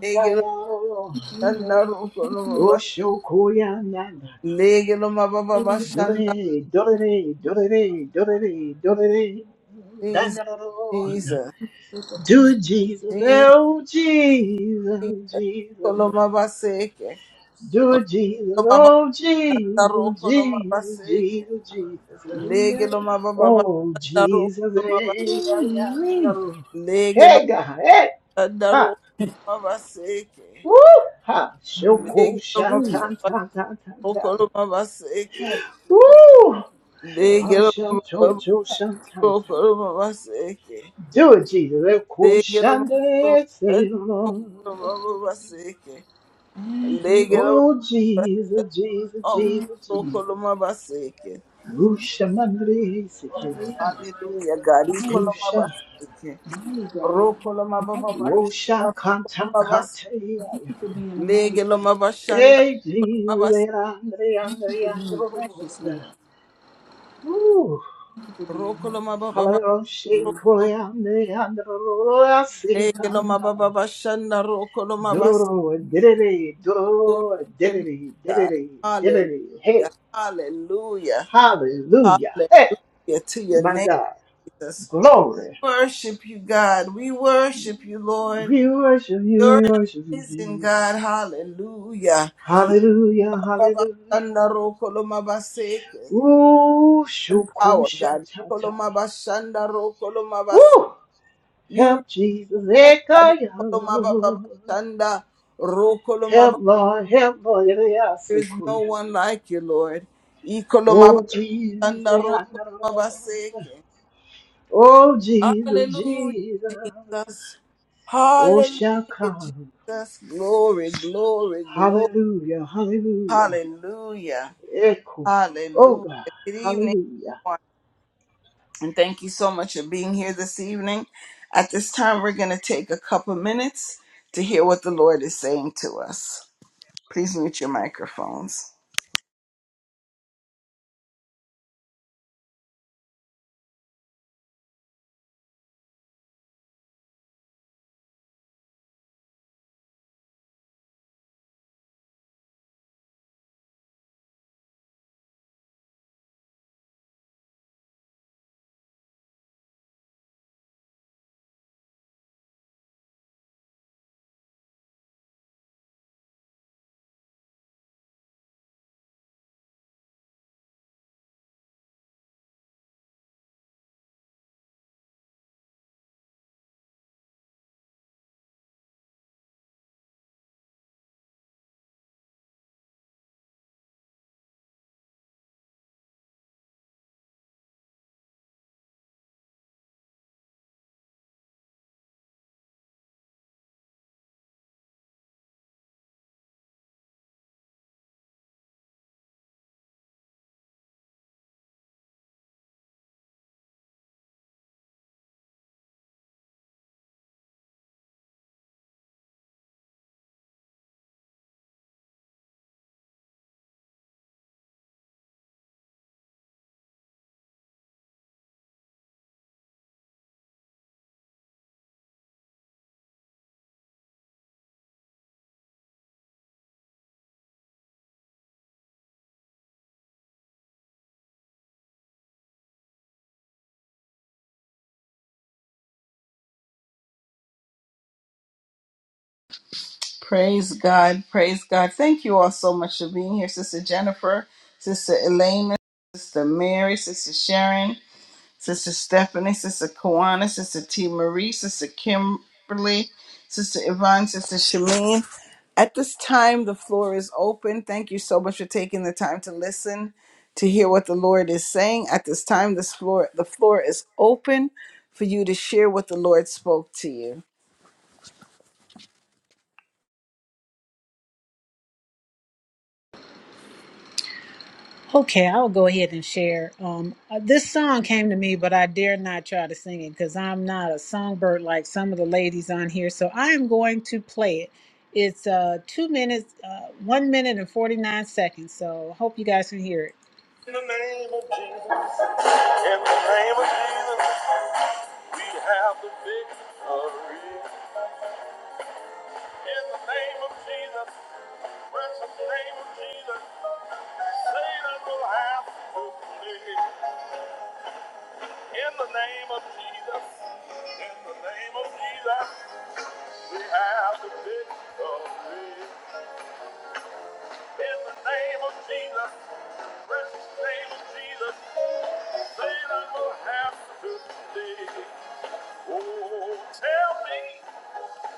Speaker 1: Lege
Speaker 4: dayao,
Speaker 1: lomaba shandaro kolomaba seke.
Speaker 4: oshokoyananda.
Speaker 1: Lege lomaba baba shandaro.
Speaker 4: Dore, dore, dore, dore, dore, dandaro.
Speaker 1: Jesus,
Speaker 4: Do it, Jesus,
Speaker 1: Jesus,
Speaker 4: oh Jesus, Jesus.
Speaker 1: Koloma baseke,
Speaker 4: Do it, Jesus,
Speaker 1: Koloma
Speaker 4: oh
Speaker 1: basaro,
Speaker 4: Jesus,
Speaker 1: Koloma
Speaker 4: Jesus,
Speaker 1: baseke,
Speaker 4: Jesus, Jesus.
Speaker 1: Lege loma baba
Speaker 4: Oh
Speaker 1: basaro,
Speaker 4: Jesus, eh,
Speaker 1: Koloma ba-
Speaker 4: ay, ay, ay, oh.
Speaker 1: Lege
Speaker 4: Hey,
Speaker 1: loma
Speaker 4: God, hey.
Speaker 1: basaro, Koloma baseke,
Speaker 4: Woo! Ha! Shoko
Speaker 1: Lege loma
Speaker 4: shanta ta ta ta
Speaker 1: basaro,
Speaker 4: ta.
Speaker 1: Koloma baseke,
Speaker 4: Woo!
Speaker 1: Lege
Speaker 4: Ha
Speaker 1: loma
Speaker 4: shanto
Speaker 1: basaro,
Speaker 4: to shanta ta.
Speaker 1: Koloma baseke,
Speaker 4: Do it, Jesus. Eko
Speaker 1: Lege loma
Speaker 4: shanda say,
Speaker 1: basaro,
Speaker 4: Lord.
Speaker 1: Koloma baseke, Lege loma
Speaker 4: Oh, Jesus, Jesus,
Speaker 1: basaro,
Speaker 4: Jesus, Jesus.
Speaker 1: Koloma baseke.
Speaker 4: Rusha mandri sike.
Speaker 1: Hallelujah, God, Koloma
Speaker 4: Rusha.
Speaker 1: baseke. Rokolo mababa
Speaker 4: Wosha
Speaker 1: bashanda, rokolo
Speaker 4: kanta
Speaker 1: mabas,
Speaker 4: kate
Speaker 1: legelo mabashanda
Speaker 4: Hey, Jesus,
Speaker 1: mabas,
Speaker 4: Hey, andre andre andre Lord. Woo!
Speaker 1: rokolo mababa bas,
Speaker 4: Halaroshi
Speaker 1: rokolo
Speaker 4: koyande androloa
Speaker 1: ma- legelo
Speaker 4: sikanda.
Speaker 1: mababa bashanda, rokolo mabas.
Speaker 4: Duroro didere, duroro didere,
Speaker 1: Hallelujah,
Speaker 4: didere, didere. Hey,
Speaker 1: hallelujah, hallelujah,
Speaker 4: hallelujah.
Speaker 1: hallelujah
Speaker 4: Hey,
Speaker 1: to your
Speaker 4: my
Speaker 1: name,
Speaker 4: God.
Speaker 1: Jesus.
Speaker 4: Glory.
Speaker 1: Worship you, God. We worship you, Lord.
Speaker 4: We worship you,
Speaker 1: You're
Speaker 4: we
Speaker 1: an
Speaker 4: worship you,
Speaker 1: amazing
Speaker 4: Jesus.
Speaker 1: God. Hallelujah.
Speaker 4: Hallelujah,
Speaker 1: Baba
Speaker 4: hallelujah.
Speaker 1: bashanda, rokolo mabaseke.
Speaker 4: Ooh,
Speaker 1: and power,
Speaker 4: shukosha
Speaker 1: God.
Speaker 4: tata.
Speaker 1: Kolomaba shanda ro kolomaba.
Speaker 4: Ooh,
Speaker 1: You rule,
Speaker 4: help Jesus.
Speaker 1: God. Kolomaba baba
Speaker 4: Ekayalo.
Speaker 1: shanda ro
Speaker 4: Help
Speaker 1: kolomaba.
Speaker 4: Lord, help
Speaker 1: There is
Speaker 4: Lord.
Speaker 1: no one like you, Lord. I kolomaba
Speaker 4: Oh Jesus,
Speaker 1: shanda ro
Speaker 4: I know.
Speaker 1: kolomaba seke.
Speaker 4: Oh Jesus,
Speaker 1: Hallelujah,
Speaker 4: Jesus.
Speaker 1: Jesus.
Speaker 4: Oh
Speaker 1: Hallelujah,
Speaker 4: Shaka.
Speaker 1: Jesus. Glory, glory, glory.
Speaker 4: Hallelujah, hallelujah.
Speaker 1: Hallelujah.
Speaker 4: Echo. Oh
Speaker 1: Hallelujah.
Speaker 4: God,
Speaker 1: Good evening.
Speaker 4: hallelujah.
Speaker 1: and thank you so much for being here this evening. At this time, we're going to take a couple minutes to hear what the Lord is saying to us. Please mute your microphones. Praise God. Praise God. Thank you all so much for being here, Sister Jennifer, Sister Elena, Sister Mary, Sister Sharon. Sister Stephanie, Sister Kawana, Sister T. Marie, Sister Kimberly, Sister Yvonne, Sister Shameen. At this time, the floor is open. Thank you so much for taking the time to listen to hear what the Lord is saying. At this time, this floor, the floor is open for you to share what the Lord spoke to you.
Speaker 5: In the name of Jesus, in the name of Jesus, we have the victory. In the name of Jesus, precious name of Jesus, Satan will have to flee. In the name of Jesus, in the name of Jesus, we have the victory. In the name of Jesus, precious name of Jesus, Satan will have to flee. Oh, tell me.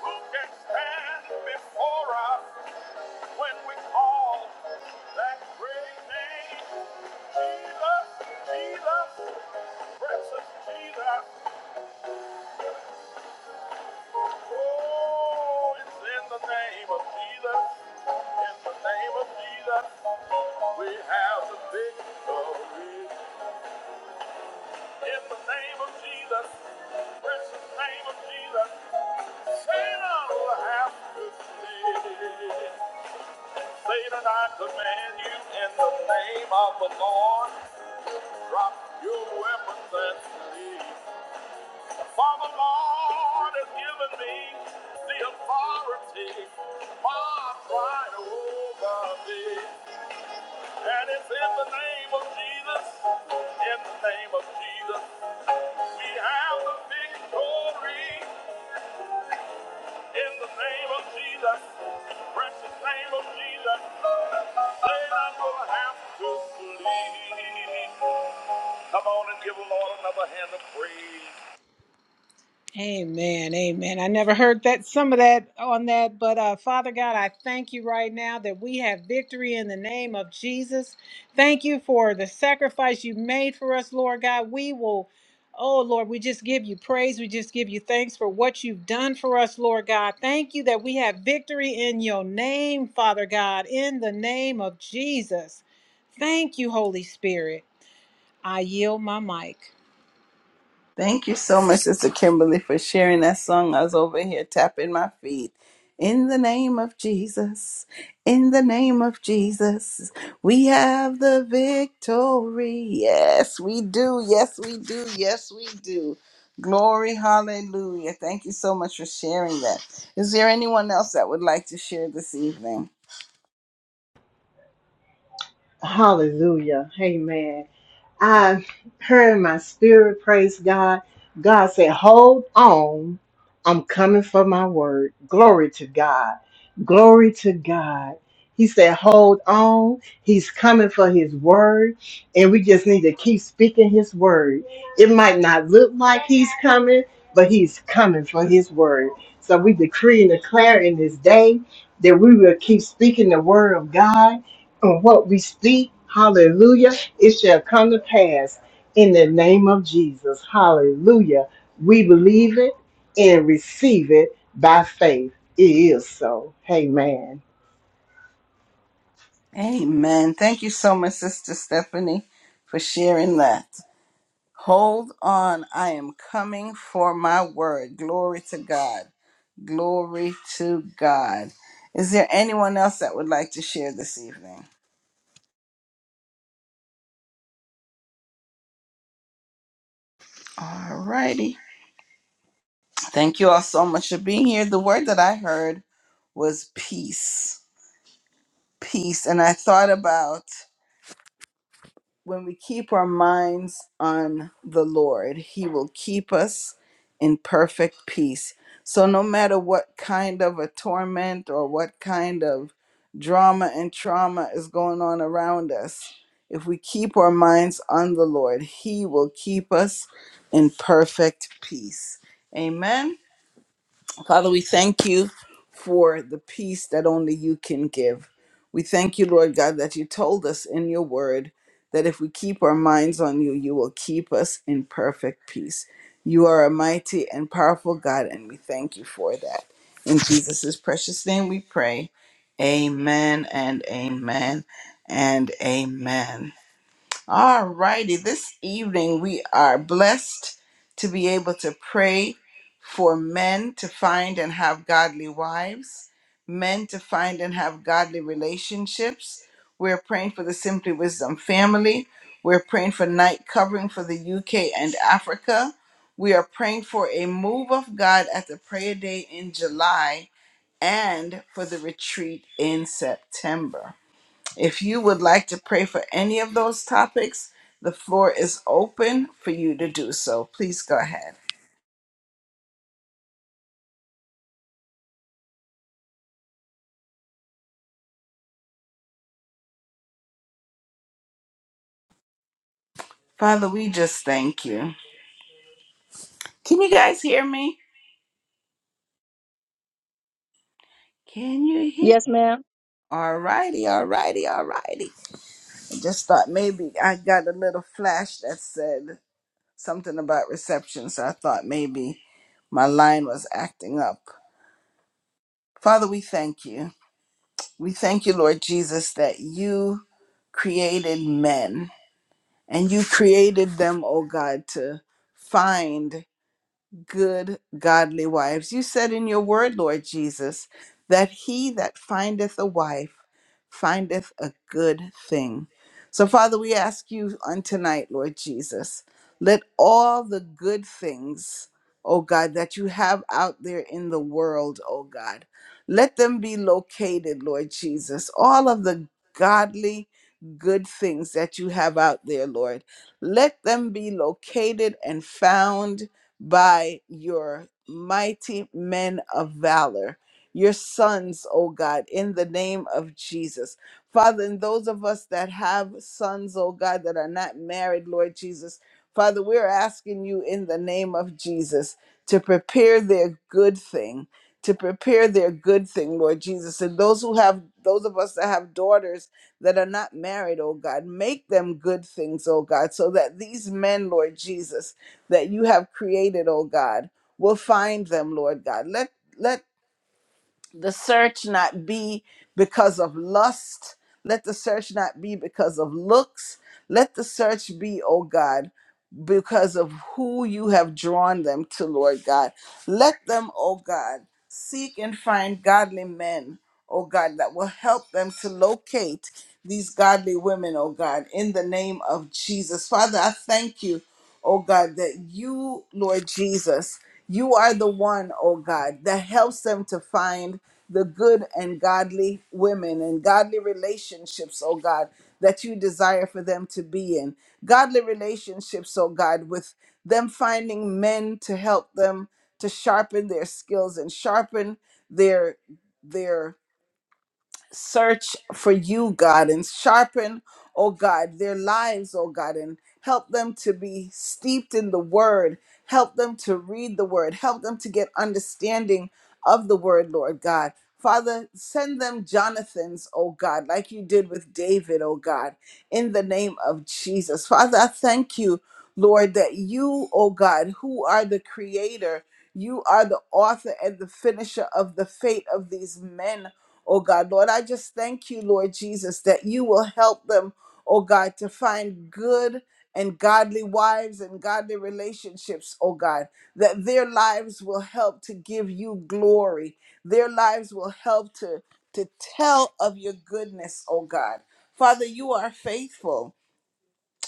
Speaker 5: Who can stand before us when we call that great name? Jesus, Jesus, precious Jesus. Oh, it's in the name of Jesus. In the name of Jesus, we have the victory. In the name of Jesus, precious name of Jesus, Satan will have to flee. Say that I command you in the name of the Lord, drop your weapons and flee. For the Lord has given me the authority, far pride over thee. And it's in the name of Jesus, in the name of Jesus, we have the victory. In the name of Jesus, precious name of Jesus, say I'm gonna have to flee. Come on and give the Lord another hand of praise. In the name of Jesus, thank you for the sacrifice you made for us, Lord God. We will, oh Lord, we just give you praise. We just give you thanks for what you've done for us, Lord God. Thank you that we have victory in your name, Father God, in the name of Jesus. Thank you, Holy Spirit. I yield my mic.
Speaker 1: Thank you so much, Sister Kimberly, for sharing that song. I was over here tapping my feet. In the name of Jesus, in the name of Jesus, we have the victory. Yes, we do. Yes, we do. Yes, we do. Glory, hallelujah. Thank you so much for sharing that. Is there anyone else that would like to share this evening?
Speaker 4: Hallelujah. Amen. I heard in my spirit, praise God. God said, Hold on, I'm coming for my word. Glory to God. Glory to God. He said, Hold on, He's coming for His word, and we just need to keep speaking His word. It might not look like He's coming, but He's coming for His word. So we decree and declare in this day that we will keep speaking the word of God and what we speak, hallelujah, it shall come to pass in the name of Jesus. Hallelujah. We believe it and receive it by faith. It is so. Amen.
Speaker 1: Amen. Thank you so much, Sister Stephanie, for sharing that. Hold on, I am coming for my word. Glory to God. Glory to God. Is there anyone else that would like to share this evening? All righty. Thank you all so much for being here. The word that I heard was peace. Peace. And I thought about when we keep our minds on the Lord, He will keep us in perfect peace. So, no matter what kind of a torment or what kind of drama and trauma is going on around us, if we keep our minds on the Lord, He will keep us in perfect peace. Amen. Father, we thank you for the peace that only you can give. We thank you, Lord God, that you told us in your word that if we keep our minds on you, you will keep us in perfect peace. You are a mighty and powerful God, and we thank you for that. In Jesus' precious name we pray. Amen and amen and amen. All righty. This evening we are blessed to be able to pray for men to find and have godly wives, men to find and have godly relationships. We're praying for the Simply Wisdom family. We're praying for night covering for the UK and Africa. We are praying for a move of God at the prayer day in July and for the retreat in September. If you would like to pray for any of those topics, the floor is open for you to do so. Please go ahead. Father, we just thank you. Can you guys hear me? Can you hear? All righty, all righty, all righty. I just thought maybe I got a little flash that said something about reception, so I thought maybe my line was acting up. Father, we thank you. We thank you, Lord Jesus, that you created men And you created them, oh God, to find good, godly wives. You said in your word, Lord Jesus, that he that findeth a wife findeth a good thing. So, Father, we ask you on tonight, Lord Jesus, let all the good things, oh God, that you have out there in the world, oh God, let them be located, Lord Jesus. All of the godly, good things that you have out there, Lord, let them be located and found by your mighty men of valor, your sons, oh God, in the name of Jesus. Father, and those of us that have sons, oh God, that are not married, Lord Jesus, Father, we're asking you in the name of Jesus to prepare their good thing, to prepare their good thing, Lord Jesus. And those who have, those of us that have daughters that are not married, oh God, make them good things, oh God, so that these men, Lord Jesus, that you have created, oh God. We'll find them, Lord God. Let let the search not be because of lust. Let the search not be because of looks. Let the search be, oh God, because of who you have drawn them to, Lord God. Let them, oh God, seek and find godly men, oh God, that will help them to locate these godly women, oh God, in the name of Jesus. Father, I thank you oh God, that you, Lord Jesus, you are the one, oh God, that helps them to find the good and godly women and godly relationships, oh God, that you desire for them to be in. Godly relationships, oh God, with them finding men to help them to sharpen their skills and sharpen their their search for you, God, and sharpen, oh God, their lives, oh God, and help them to be steeped in the word. Help them to read the word. Help them to get understanding of the word, Lord God. Father, send them Jonathan's, oh God, like you did with David, oh God, in the name of Jesus. Father, I thank you, Lord, that you, oh God, who are the creator, you are the author and the finisher of the fate of these men, oh God. Lord, I just thank you, Lord Jesus, that you will help them, oh God, to find good and godly wives and godly relationships, oh God, that their lives will help to give you glory. Their lives will help to, to tell of your goodness, oh God. Father, you are faithful.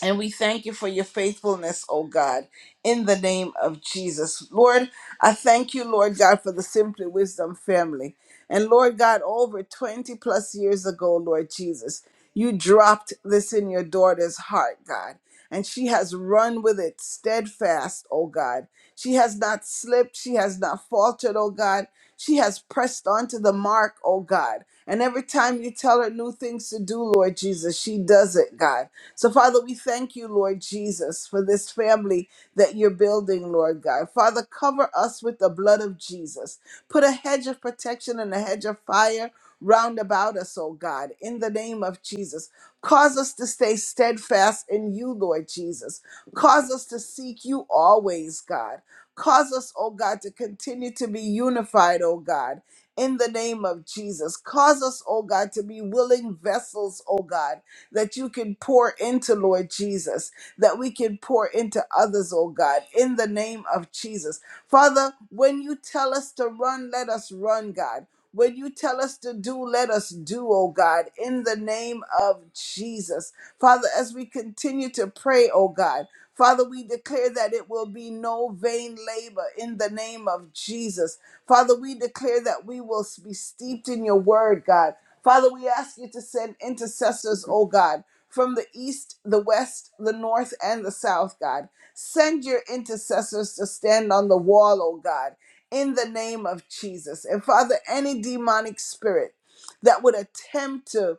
Speaker 1: And we thank you for your faithfulness, oh God, in the name of Jesus. Lord, I thank you, Lord God, for the Simply Wisdom family. And Lord God, over 20 plus years ago, Lord Jesus, you dropped this in your daughter's heart, God. And she has run with it steadfast, oh God. She has not slipped. She has not faltered, oh God. She has pressed on to the mark, oh God. And every time you tell her new things to do, Lord Jesus, she does it, God. So, Father, we thank you, Lord Jesus, for this family that you're building, Lord God. Father, cover us with the blood of Jesus. Put a hedge of protection and a hedge of fire round about us, oh God, in the name of Jesus. Cause us to stay steadfast in you, Lord Jesus. Cause us to seek you always, God. Cause us, oh God, to continue to be unified, oh God, in the name of Jesus. Cause us, oh God, to be willing vessels, oh God that you can pour into, Lord Jesus, that we can pour into others, oh God, in the name of Jesus. Father, when you tell us to run, let us run, God. When you tell us to do, let us do, oh God, in the name of Jesus. Father, as we continue to pray, oh God, Father, we declare that it will be no vain labor in the name of Jesus. Father, we declare that we will be steeped in your word, God. Father, we ask you to send intercessors, oh God, from the east, the west, the north, and the south, God. Send your intercessors to stand on the wall, oh God, in the name of Jesus. And Father, any demonic spirit that would attempt to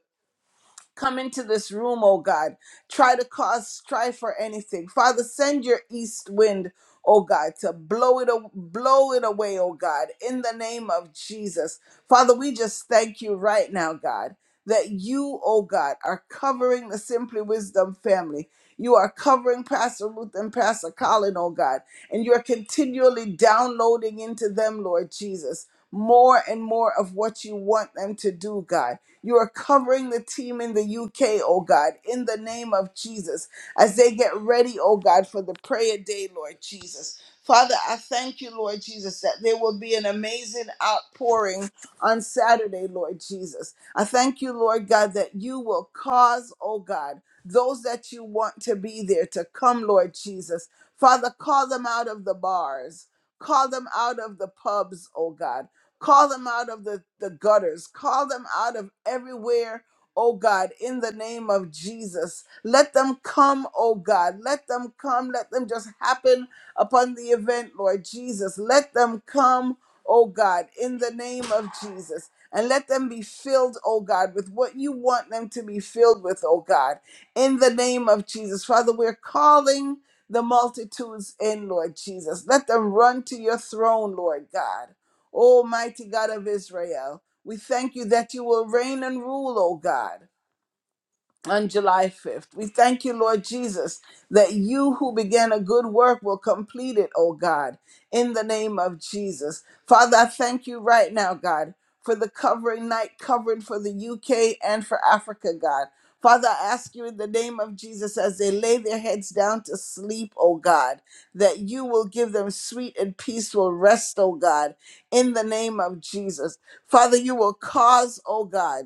Speaker 1: Come into this room, oh God. Try to cause strife or anything. Father, send your east wind, oh God, to blow it a- blow it away, oh God, in the name of Jesus. Father, we just thank you right now, God, that you, oh God, are covering the Simply Wisdom family. You are covering Pastor Ruth and Pastor Colin, oh God, and you're continually downloading into them, Lord Jesus, more and more of what you want them to do, God. You are covering the team in the UK, oh God, in the name of Jesus, as they get ready, oh God, for the prayer day, Lord Jesus. Father, I thank you, Lord Jesus, that there will be an amazing outpouring on Saturday, Lord Jesus. I thank you, Lord God, that you will cause, oh God, those that you want to be there to come, Lord Jesus. Father, call them out of the bars. Call them out of the pubs, oh God Call them out of the, the gutters. Call them out of everywhere, oh God, in the name of Jesus. Let them come, oh God. Let them come. Let them just happen upon the event, Lord Jesus. Let them come, oh God, in the name of Jesus. And let them be filled, oh God, with what you want them to be filled with, oh God, in the name of Jesus. Father, we're calling the multitudes in, Lord Jesus. Let them run to your throne, Lord God. Almighty God of Israel, we thank you that you will reign and rule, O God on July 5th. We thank you, Lord Jesus, that you who began a good work will complete it, oh God, in the name of Jesus. Father, I thank you right now, God, for the covering night covering for the UK and for Africa, God. Father, I ask you in the name of Jesus as they lay their heads down to sleep, oh God, that you will give them sweet and peaceful rest, oh God, in the name of Jesus. Father, you will cause, oh God,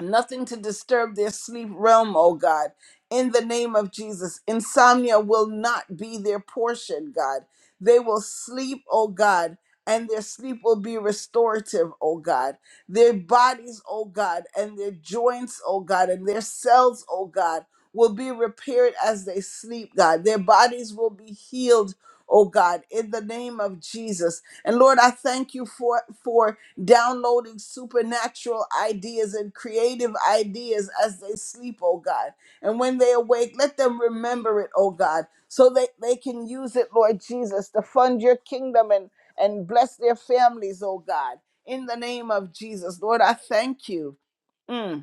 Speaker 1: nothing to disturb their sleep realm, oh God. In the name of Jesus, insomnia will not be their portion, God. They will sleep, oh God, and their sleep will be restorative, oh God. Their bodies, oh God, and their joints, oh God, and their cells, oh God, will be repaired as they sleep, God. Their bodies will be healed, oh God, in the name of Jesus. And Lord, I thank you for for downloading supernatural ideas and creative ideas as they sleep, oh God. And when they awake, let them remember it, oh God, so that they can use it, Lord Jesus, to fund your kingdom and, and bless their families, oh God. In the name of Jesus, Lord, I thank you. Mm.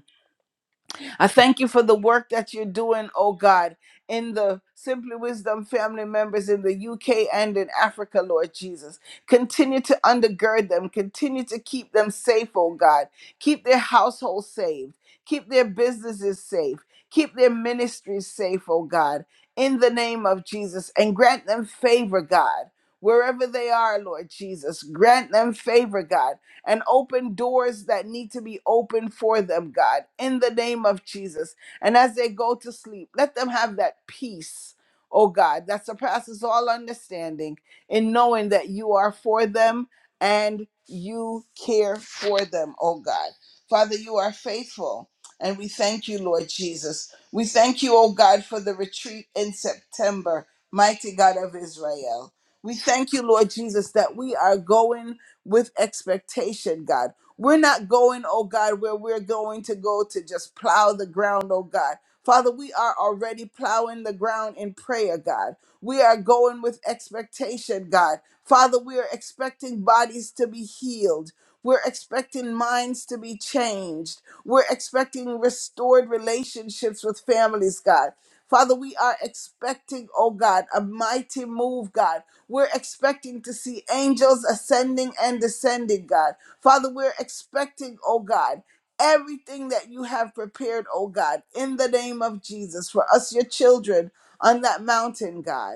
Speaker 1: I thank you for the work that you're doing, oh God, in the Simply Wisdom family members in the UK and in Africa, Lord Jesus. Continue to undergird them, continue to keep them safe, oh God. Keep their households saved, keep their businesses safe, keep their ministries safe, oh God, in the name of Jesus, and grant them favor, God. Wherever they are, Lord Jesus, grant them favor, God and open doors that need to be opened for them, God, in the name of Jesus. And as they go to sleep, let them have that peace, oh God, that surpasses all understanding in knowing that you are for them and you care for them, oh God. Father, you are faithful. And we thank you, Lord Jesus. We thank you, oh God, for the retreat in September, mighty God of Israel. We thank you, Lord Jesus, that we are going with expectation, God. We're not going, oh God, where we're going to go to just plow the ground, oh God. Father, we are already plowing the ground in prayer, God. We are going with expectation, God. Father, we are expecting bodies to be healed. We're expecting minds to be changed. We're expecting restored relationships with families, God. Father, we are expecting, oh God, a mighty move, God. We're expecting to see angels ascending and descending, God. Father, we're expecting, oh God, everything that you have prepared, oh God, in the name of Jesus for us, your children, on that mountain, God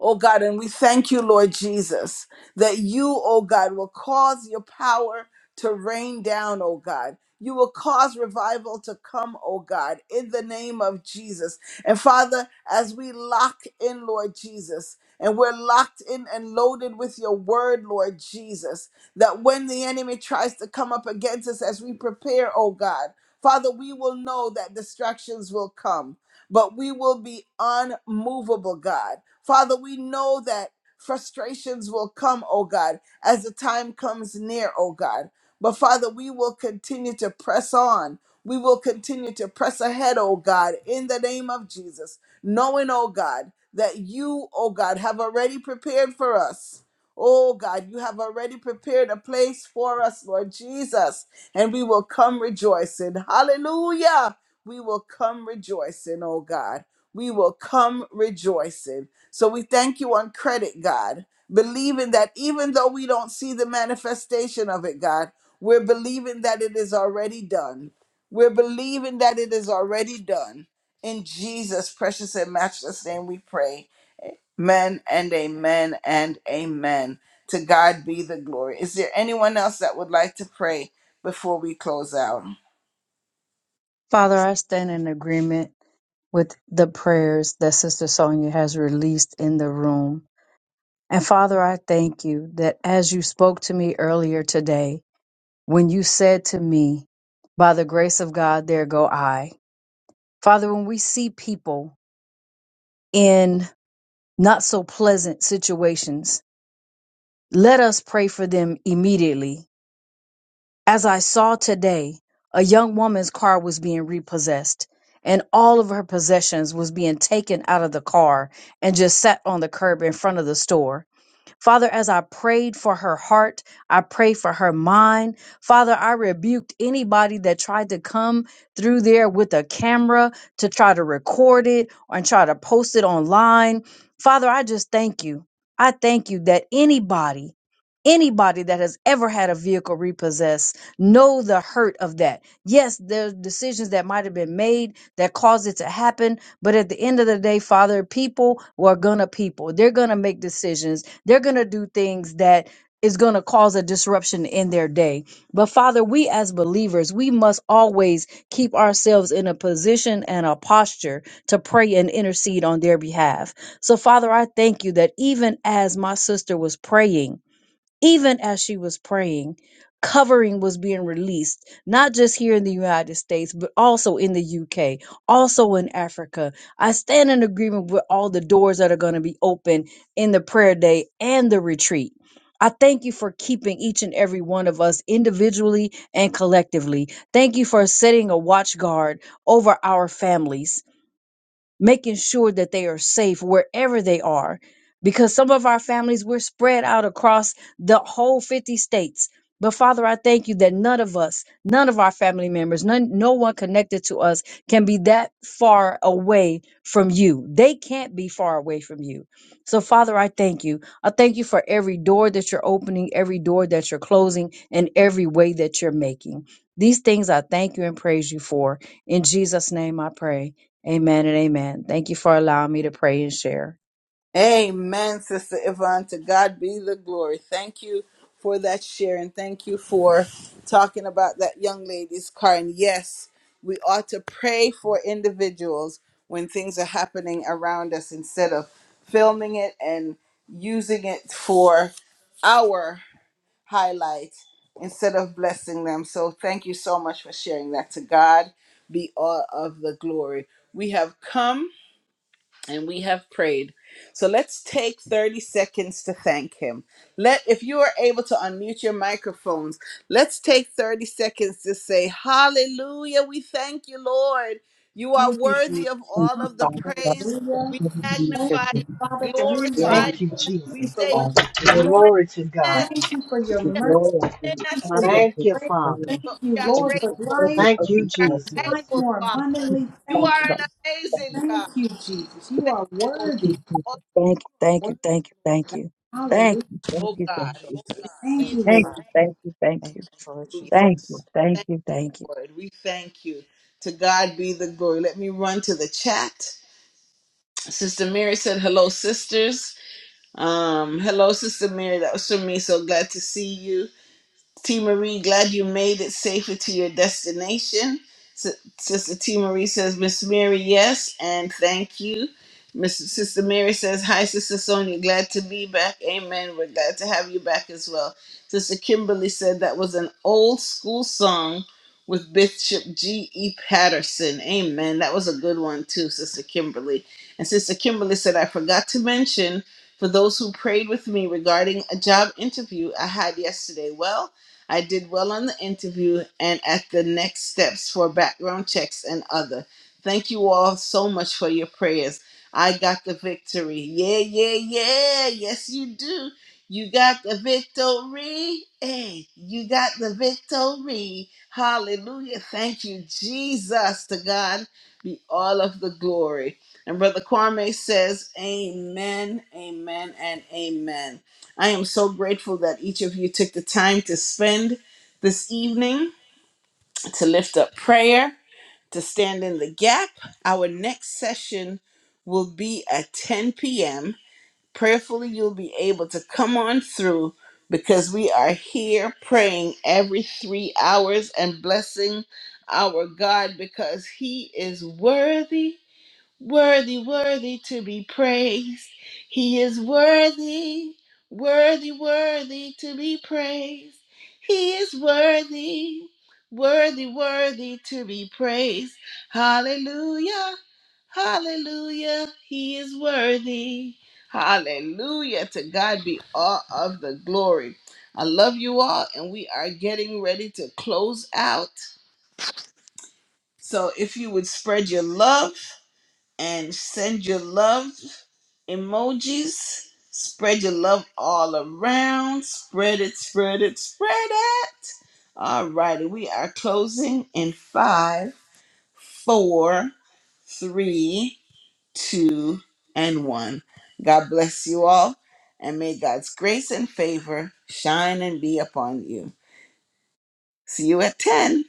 Speaker 1: oh God. And we thank you, Lord Jesus, that you, oh God, will cause your power to rain down, oh God. You will cause revival to come, oh God, in the name of Jesus. And Father, as we lock in, Lord Jesus, and we're locked in and loaded with your word, Lord Jesus, that when the enemy tries to come up against us as we prepare, oh God, Father, we will know that distractions will come, but we will be unmovable, God. Father, we know that frustrations will come, oh God, as the time comes near, oh God. But Father, we will continue to press on. We will continue to press ahead, oh God, in the name of Jesus, knowing, oh God, that you, oh God, have already prepared for us. Oh God, you have already prepared a place for us, Lord Jesus, and we will come rejoicing. Hallelujah. We will come rejoicing, oh God. We will come rejoicing. So we thank you on credit, God, believing that even though we don't see the manifestation of it, God, we're believing that it is already done. We're believing that it is already done. In Jesus' precious and matchless name we pray. Amen and amen and amen. To God be the glory. Is there anyone else that would like to pray before we close out?
Speaker 3: Father, I stand in agreement with the prayers that Sister Sonia has released in the room. And Father, I thank you that as you spoke to me earlier today, when you said to me, By the grace of God, there go I. Father, when we see people in not so pleasant situations, let us pray for them immediately. As I saw today, a young woman's car was being repossessed and all of her possessions was being taken out of the car and just sat on the curb in front of the store Father, as I prayed for her heart, I pray for her mind. Father, I rebuked anybody that tried to come through there with a camera to try to record it and try to post it online. Father, I just thank you. I thank you that anybody, anybody that has ever had a vehicle repossessed know the hurt of that. Yes, there's decisions that might have been made that caused it to happen, but at the end of the day, Father, people were gonna people. They're gonna make decisions they're going to do things that is going to cause a disruption in their day. But Father, we as believers, we must always keep ourselves in a position and a posture to pray and intercede on their behalf. So Father, I thank you that even as my sister was praying, even as she was praying, covering was being released, not just here in the United States, but also in the UK, also in Africa. I stand in agreement with all the doors that are going to be open in the prayer day and the retreat. I thank you for keeping each and every one of us individually and collectively. Thank you for setting a watch guard over our families making sure that they are safe wherever they are. Because some of our families, we're spread out across the whole 50 states. But Father, I thank you that none of us, none of our family members, none, no one connected to us can be that far away from you. They can't be far away from you. So, Father, I thank you. I thank you for every door that you're opening, every door that you're closing, and every way that you're making. These things I thank you and praise you for. In Jesus' name I pray. Amen and amen. Thank you for allowing me to pray and share.
Speaker 1: Amen, Sister Yvonne. To God be the glory. Thank you for that share and thank you for talking about that young lady's car. And yes, we ought to pray for individuals when things are happening around us instead of filming it and using it for our highlight instead of blessing them. So thank you so much for sharing that. To God be all of the glory. We have come and we have prayed. So let's take 30 seconds to thank him. Let if you are able to unmute your microphones, let's take 30 seconds to say hallelujah. We thank you, Lord. You are worthy of
Speaker 3: Thank
Speaker 1: all
Speaker 3: you,
Speaker 1: of the
Speaker 3: Father.
Speaker 1: praise.
Speaker 3: for
Speaker 1: We
Speaker 3: everything you've
Speaker 1: magnify you,
Speaker 3: done.
Speaker 1: we
Speaker 3: Glory
Speaker 1: glorify
Speaker 3: to
Speaker 4: Thank you,
Speaker 1: you.
Speaker 3: you,
Speaker 1: We
Speaker 4: Jesus.
Speaker 1: say
Speaker 3: Father.
Speaker 1: yes,
Speaker 3: Glory to
Speaker 1: Lord.
Speaker 4: Glory to
Speaker 3: you.
Speaker 4: God.
Speaker 1: Yes,
Speaker 3: We give you glory, I
Speaker 1: we
Speaker 3: give
Speaker 1: may
Speaker 3: you
Speaker 1: not
Speaker 3: honor,
Speaker 1: see
Speaker 3: I
Speaker 1: it,
Speaker 4: Thank
Speaker 3: give
Speaker 4: you,
Speaker 3: you
Speaker 4: Father.
Speaker 3: praise.
Speaker 1: but we are
Speaker 3: Thank you for
Speaker 1: grateful.
Speaker 3: every
Speaker 4: Thank you,
Speaker 3: open
Speaker 1: We are
Speaker 3: door. Thank
Speaker 4: Jesus.
Speaker 1: thankful,
Speaker 3: you for
Speaker 1: Father.
Speaker 3: keeping us,
Speaker 1: You
Speaker 3: Father
Speaker 1: are an amazing
Speaker 3: Thank
Speaker 1: God. Thankful
Speaker 3: you,
Speaker 1: for
Speaker 3: thank you, thank you, thank you, thank you,
Speaker 1: you,
Speaker 3: thank you, thank
Speaker 1: oh
Speaker 3: you, thank
Speaker 1: God.
Speaker 6: Thank
Speaker 3: you,
Speaker 6: you,
Speaker 3: thank
Speaker 6: Father.
Speaker 3: you, thank you, thank
Speaker 6: Thank
Speaker 3: you,
Speaker 6: you, Lord
Speaker 3: thank
Speaker 6: Jesus.
Speaker 3: you, thank you, thank you.
Speaker 1: Lord. We thank you. To God be the glory. Let me run to the chat. Sister Mary said, Hello, sisters. Um, hello, Sister Mary. That was from me. So glad to see you. T. Marie, glad you made it safely to your destination. S- Sister T. Marie says, Miss Mary, yes, and thank you. Miss Sister Mary says, Hi, Sister Sonia, glad to be back. Amen. We're glad to have you back as well. Sister Kimberly said, That was an old school song with Bishop G.E. Patterson. Amen. That was a good one, too, Sister Kimberly. And Sister Kimberly said, I forgot to mention for those who prayed with me regarding a job interview I had yesterday. Well, I did well on the interview and at the next steps for background checks and other. Thank you all so much for your prayers. I got the victory. Yeah, yeah, yeah. Yes, you do. You got the victory. Hey, you got the victory. Hallelujah. Thank you, Jesus. To God be all of the glory. And Brother Kwame says, Amen, amen, and amen. I am so grateful that each of you took the time to spend this evening to lift up prayer, to stand in the gap. Our next session will be at 10 p.m. Prayerfully, you'll be able to come on through because we are here praying every three hours and blessing our God because He is worthy Worthy, worthy to be praised. He is worthy, worthy, worthy to be praised. He is worthy, worthy, worthy to be praised. Hallelujah, hallelujah. He is worthy. Hallelujah. To God be all of the glory. I love you all, and we are getting ready to close out. So if you would spread your love and send your love emojis. Spread your love all around. Spread it, spread it, spread it. All righty, we are closing in five, four, three, two, and one. God bless you all, and may God's grace and favor shine and be upon you. See you at 10.